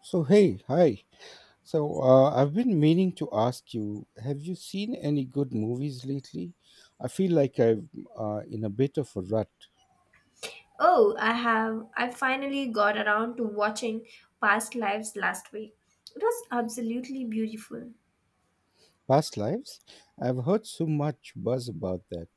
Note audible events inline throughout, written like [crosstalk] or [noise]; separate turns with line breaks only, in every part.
So, hey, hi. I've been meaning to ask you, have you seen any good movies lately? I feel like I'm In a bit of a rut.
Oh, I have. I finally got around to watching Past Lives last week. It was absolutely beautiful.
Past Lives? I've heard so much buzz about that.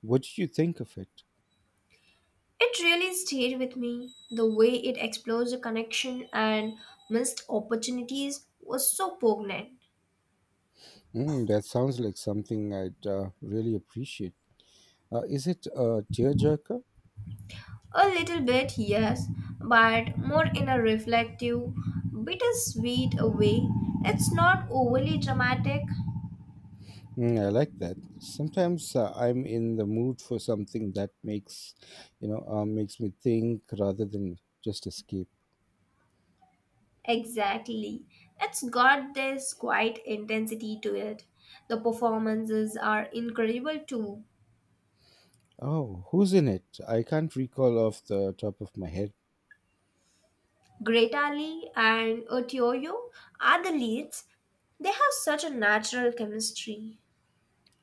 What did you think of it?
It really stayed with me. The way it explores the connection and missed opportunities was so poignant.
Mm, that sounds like something I'd really appreciate. Is it a tearjerker?
A little bit, yes, but more in a reflective, bittersweet way. It's not overly dramatic.
Mm, I like that. Sometimes I'm in the mood for something that makes me think rather than just escape.
Exactly. It's got this quiet intensity to it. The performances are incredible too.
Oh, who's in it? I can't recall off the top of my head.
Greta Lee and Oteoyo are the leads. They have such a natural chemistry.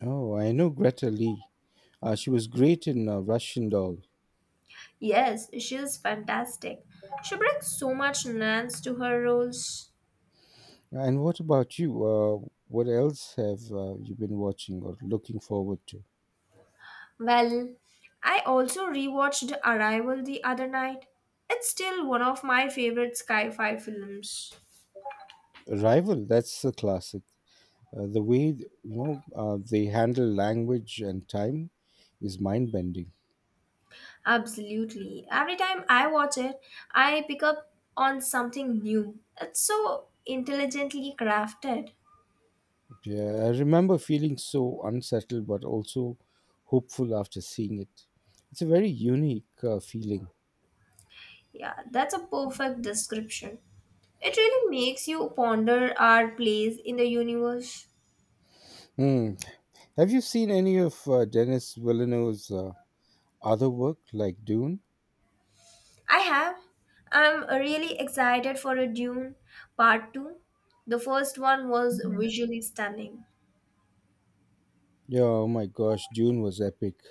Oh, I know Greta Lee. She was great in Russian Doll.
Yes, she is fantastic. She brings so much nuance to her roles.
And what about you? What else have you been watching or looking forward to?
Well, I also rewatched Arrival the other night. It's still one of my favorite sci fi films.
Rival, that's a classic. The way they handle language and time is mind-bending.
Absolutely. Every time I watch it, I pick up on something new. It's so intelligently crafted.
Yeah, I remember feeling so unsettled, but also hopeful after seeing it. It's a very unique feeling.
Yeah, that's a perfect description. It really makes you ponder our place in the universe.
Hmm, have you seen any of Dennis Villeneuve's other work, like Dune?
I have. I'm really excited for a Dune Part 2. The first one was visually stunning.
Yeah, oh my gosh, Dune was epic.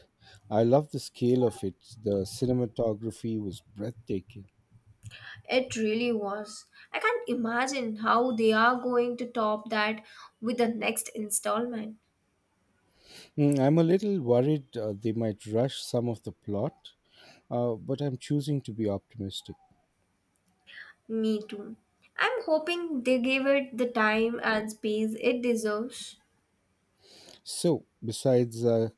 I love the scale of it. The cinematography was breathtaking.
It really was. I can't imagine how they are going to top that with the next installment.
Mm, I'm a little worried they might rush some of the plot, but I'm choosing to be optimistic.
Me too. I'm hoping they give it the time and space it deserves.
So, besides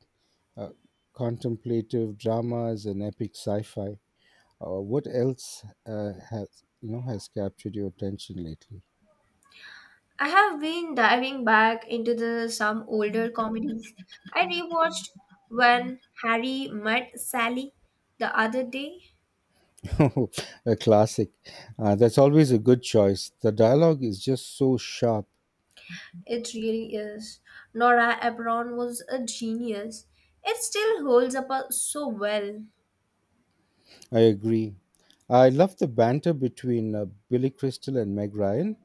uh, contemplative dramas and epic sci-fi, what else has captured your attention lately?
I have been diving back into the some older comedies. I rewatched When Harry Met Sally the other day.
[laughs] a classic. That's always a good choice. The dialogue is just so sharp.
It really is. Nora Ephron was a genius. It still holds up so well.
I agree. I love the banter between Billy Crystal and Meg Ryan.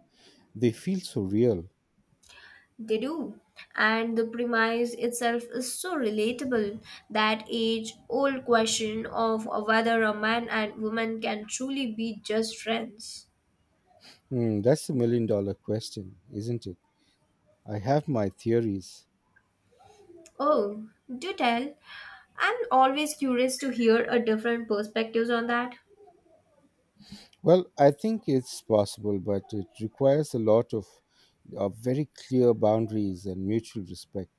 They feel so real.
They do. And the premise itself is so relatable, that age old question of whether a man and woman can truly be just friends.
Hmm, that's the million dollar question, isn't it? I have my theories.
Oh, do tell. I'm always curious to hear a different perspectives on that.
Well, I think it's possible, but it requires a lot of very clear boundaries and mutual respect.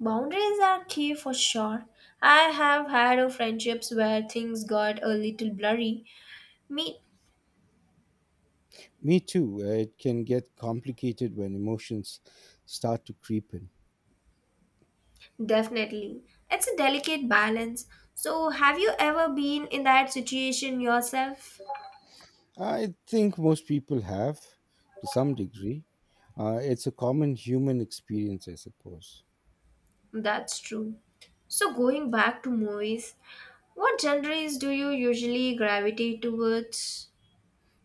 Boundaries are key for sure. I have had a friendships where things got a little blurry. Me,
Me too. It can get complicated when emotions start to creep in.
definitely. It's a delicate balance. So, have you ever been in that situation yourself?
I think most people have to some degree. It's a common human experience, I suppose.
That's true. So going back to movies, what genres do you usually gravitate towards?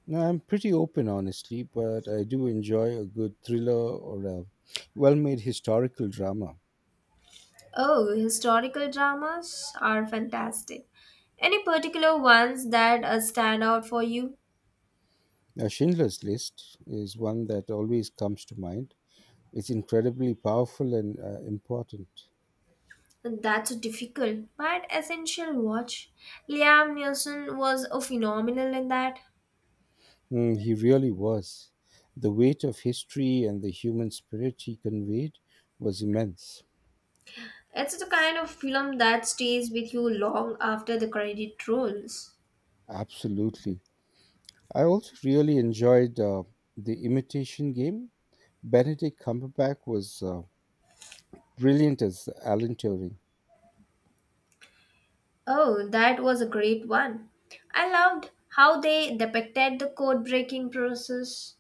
Now, I'm pretty open, honestly, but I do enjoy a good thriller or a well made historical drama.
Oh, historical dramas are fantastic. Any particular ones that stand out for you?
Now, Schindler's List is one that always comes to mind. It's incredibly powerful and important.
That's a difficult but essential watch. Liam Neeson was a phenomenal in that.
Mm, he really was. The weight of history and the human spirit he conveyed was immense.
It's the kind of film that stays with you long after the credit rolls.
Absolutely. I also really enjoyed The Imitation Game. Benedict Cumberbatch was brilliant as Alan Turing.
Oh, that was a great one. I loved how they depicted the code breaking process.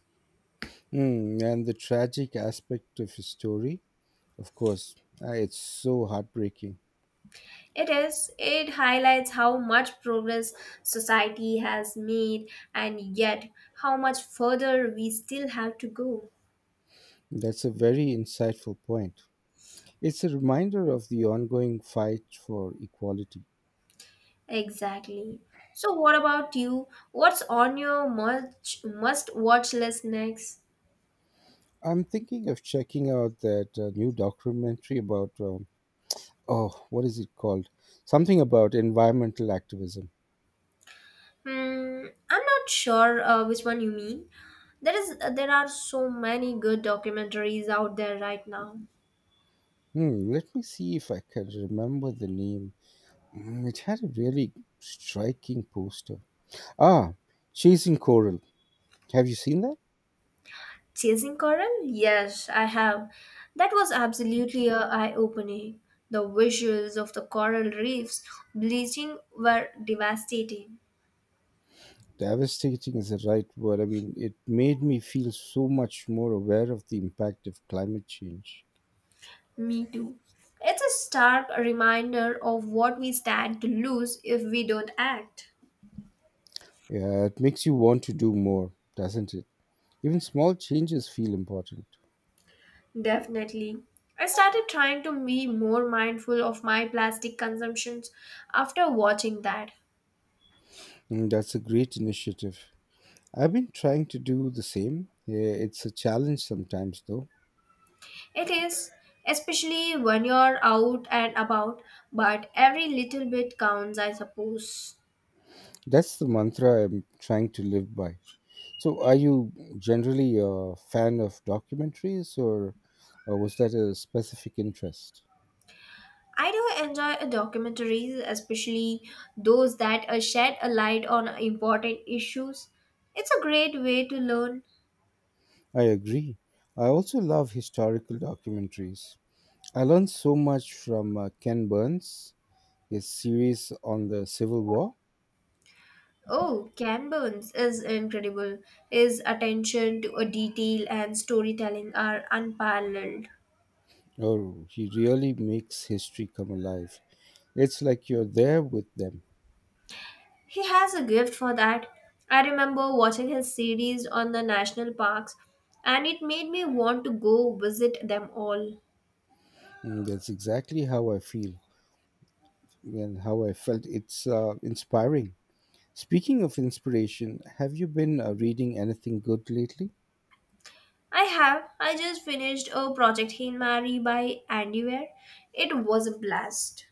Mm, and the tragic aspect of his story, of course, it's so heartbreaking.
It is, it highlights how much progress society has made and yet how much further we still have to go.
That's a very insightful point. It's a reminder of the ongoing fight for equality.
Exactly. So, what about you? What's on your much must watch list next?
I'm thinking of checking out that new documentary about oh, what is it called? Something about environmental activism.
Hmm, I'm not sure which one you mean. There are so many good documentaries out there right now.
Hmm, let me see if I can remember the name. Hmm, it had a really striking poster. Ah, Chasing Coral. Have you seen that?
Chasing Coral? Yes, I have. That was absolutely a eye-opening. The visuals of the coral reefs bleaching were devastating.
Devastating is the right word. I mean, it made me feel so much more aware of the impact of climate change.
Me too. It's a stark reminder of what we stand to lose if we don't act.
Yeah, it makes you want to do more, doesn't it? Even small changes feel important.
Definitely. I started trying to be more mindful of my plastic consumptions after watching that.
Mm, that's a great initiative. I've been trying to do the same. Yeah, it's a challenge sometimes, though.
It is, especially when you're out and about, but every little bit counts, I suppose.
That's the mantra I'm trying to live by. So, are you generally a fan of documentaries, or was that a specific interest?
I do enjoy a documentaries, especially those that shed a light on important issues. It's a great way to learn.
I agree. I also love historical documentaries. I learned so much from Ken Burns, his series on the Civil War.
Oh, Ken Burns is incredible. His attention to a detail and storytelling are unparalleled.
Oh, he really makes history come alive. It's like you're there with them.
He has a gift for that. I remember watching his series on the national parks and it made me want to go visit them all.
And that's exactly how I feel and how I felt. It's inspiring. Speaking of inspiration, have you been reading anything good lately?
I have. I just finished a project Hail Mary by Andy Weir. It was a blast.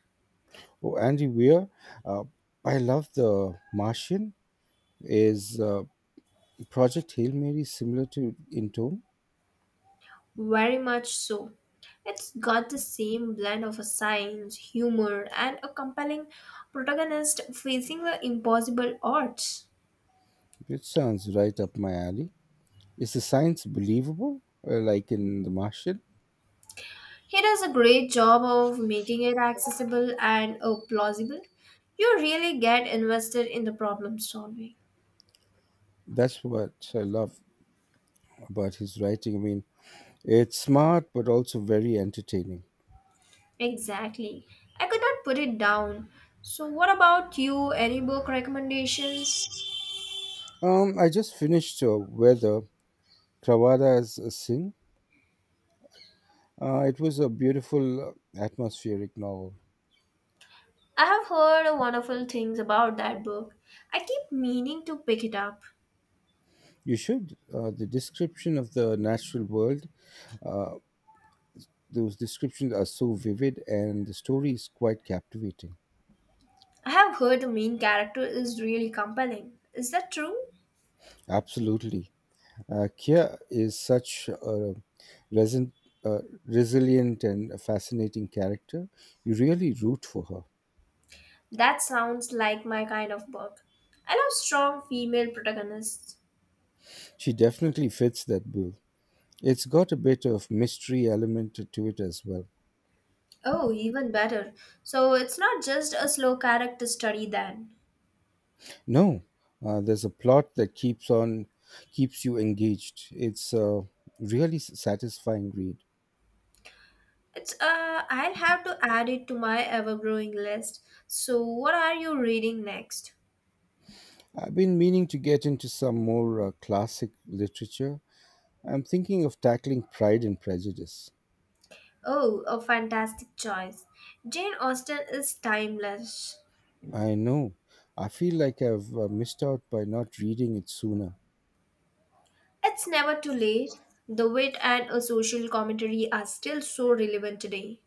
Oh, Andy Weir, uh, I love The Martian. Is Project Hail Mary similar to in tone?
Very much so. It's got the same blend of a science, humor, and a compelling protagonist facing the impossible odds.
It sounds right up my alley. Is the science believable, like in The Martian?
He does a great job of making it accessible and plausible. You really get invested in the problem solving.
That's what I love about his writing. I mean, it's smart but also very entertaining.
Exactly. I could not put it down. So, what about you? Any book recommendations?
I just finished Weather, Krawada's Singh. It was a beautiful, atmospheric novel.
I have heard wonderful things about that book. I keep meaning to pick it up.
You should. The description of the natural world uh, those descriptions are so vivid and the story is quite captivating.
I have heard the main character is really compelling. Is that true?
Absolutely. Kia is such a resin, uh, resilient and a fascinating character. You really root for her.
That sounds like my kind of book. I love strong female protagonists.
She definitely fits that bill. It's got a bit of mystery element to it as well.
Oh, even better. So it's not just a slow character study then.
No, there's a plot that keeps you engaged. It's a really satisfying read.
It's I'll have to add it to my ever-growing list. So what are you reading next?
I've been meaning to get into some more classic literature. I'm thinking of tackling Pride and Prejudice.
Oh, a fantastic choice. Jane Austen is timeless.
I know. I feel like I've missed out by not reading it sooner.
It's never too late. The wit and a social commentary are still so relevant today.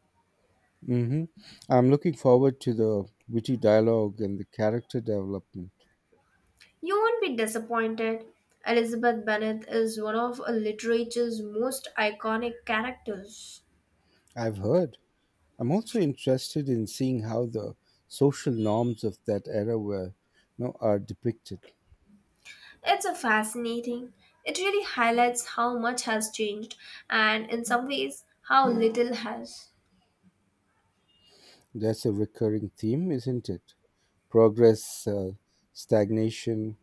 Hmm, I'm looking forward to the witty dialogue and the character development.
You won't be disappointed. Elizabeth Bennet is one of literature's most iconic characters.
I've heard. I'm also interested in seeing how the social norms of that era are depicted.
It's a fascinating. It really highlights how much has changed and in some ways how little has.
That's a recurring theme, isn't it? Progress, stagnation.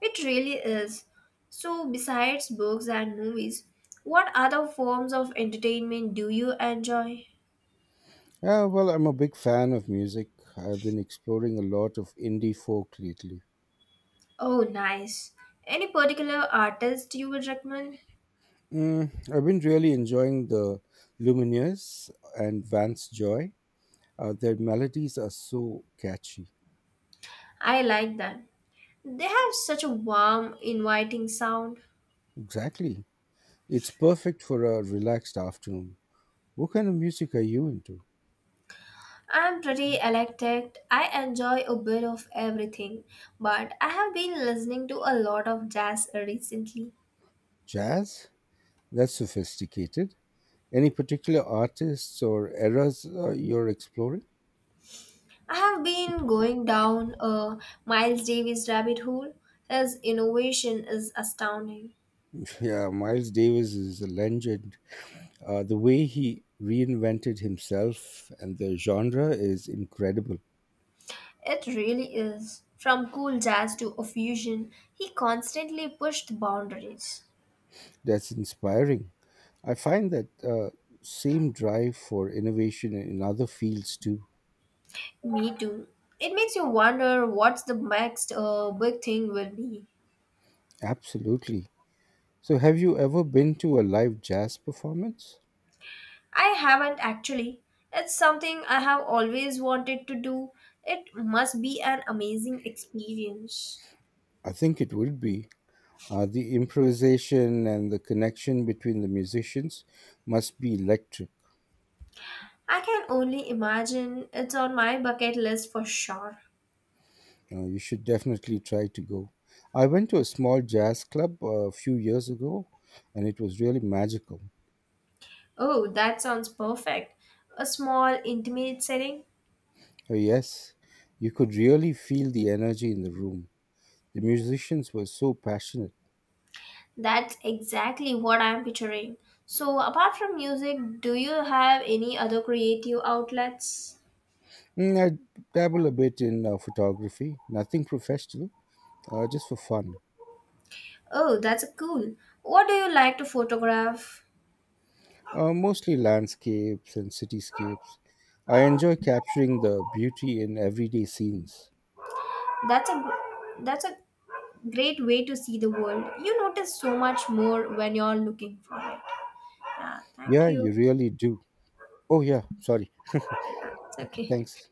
It really is. So besides books and movies, what other forms of entertainment do you enjoy?
Yeah, well, I'm a big fan of music. I've been exploring a lot of indie folk lately.
Oh, nice. Any particular artist you would recommend?
Mm, I've been really enjoying the Lumineers and Vance Joy. Their melodies are so catchy.
I like them. They have such a warm, inviting sound.
Exactly. It's perfect for a relaxed afternoon. What kind of music are you into?
I'm pretty eclectic. I enjoy a bit of everything, but I have been listening to a lot of jazz recently.
Jazz? That's sophisticated. Any particular artists or eras you're exploring?
I have been going down a Miles Davis rabbit hole. His innovation is astounding.
Yeah, Miles Davis is a legend. The way he reinvented himself and the genre is incredible.
It really is. From cool jazz to a fusion, he constantly pushed boundaries.
That's inspiring. I find that same drive for innovation in other fields too.
Me too. It makes you wonder what's the next big thing will be.
Absolutely. So, have you ever been to a live jazz performance?
I haven't actually. It's something I have always wanted to do. It must be an amazing experience.
I think it would be. The improvisation and the connection between the musicians must be electric.
I can only imagine it's on my bucket list for sure.
You should definitely try to go. I went to a small jazz club a few years ago and it was really magical.
Oh, that sounds perfect. A small, intimate setting?
Oh, yes, you could really feel the energy in the room. The musicians were so passionate.
That's exactly what I'm picturing. So, apart from music, do you have any other creative outlets?
Mm, I dabble a bit in photography, nothing professional, just for fun.
Oh, that's cool. What do you like to photograph?
Mostly landscapes and cityscapes. I enjoy capturing the beauty in everyday scenes.
That's a that's a great way to see the world. You notice so much more when you're looking for it. Yeah, thank
Yeah,
you.
you really do. Oh, yeah, sorry.
It's okay.
Thanks.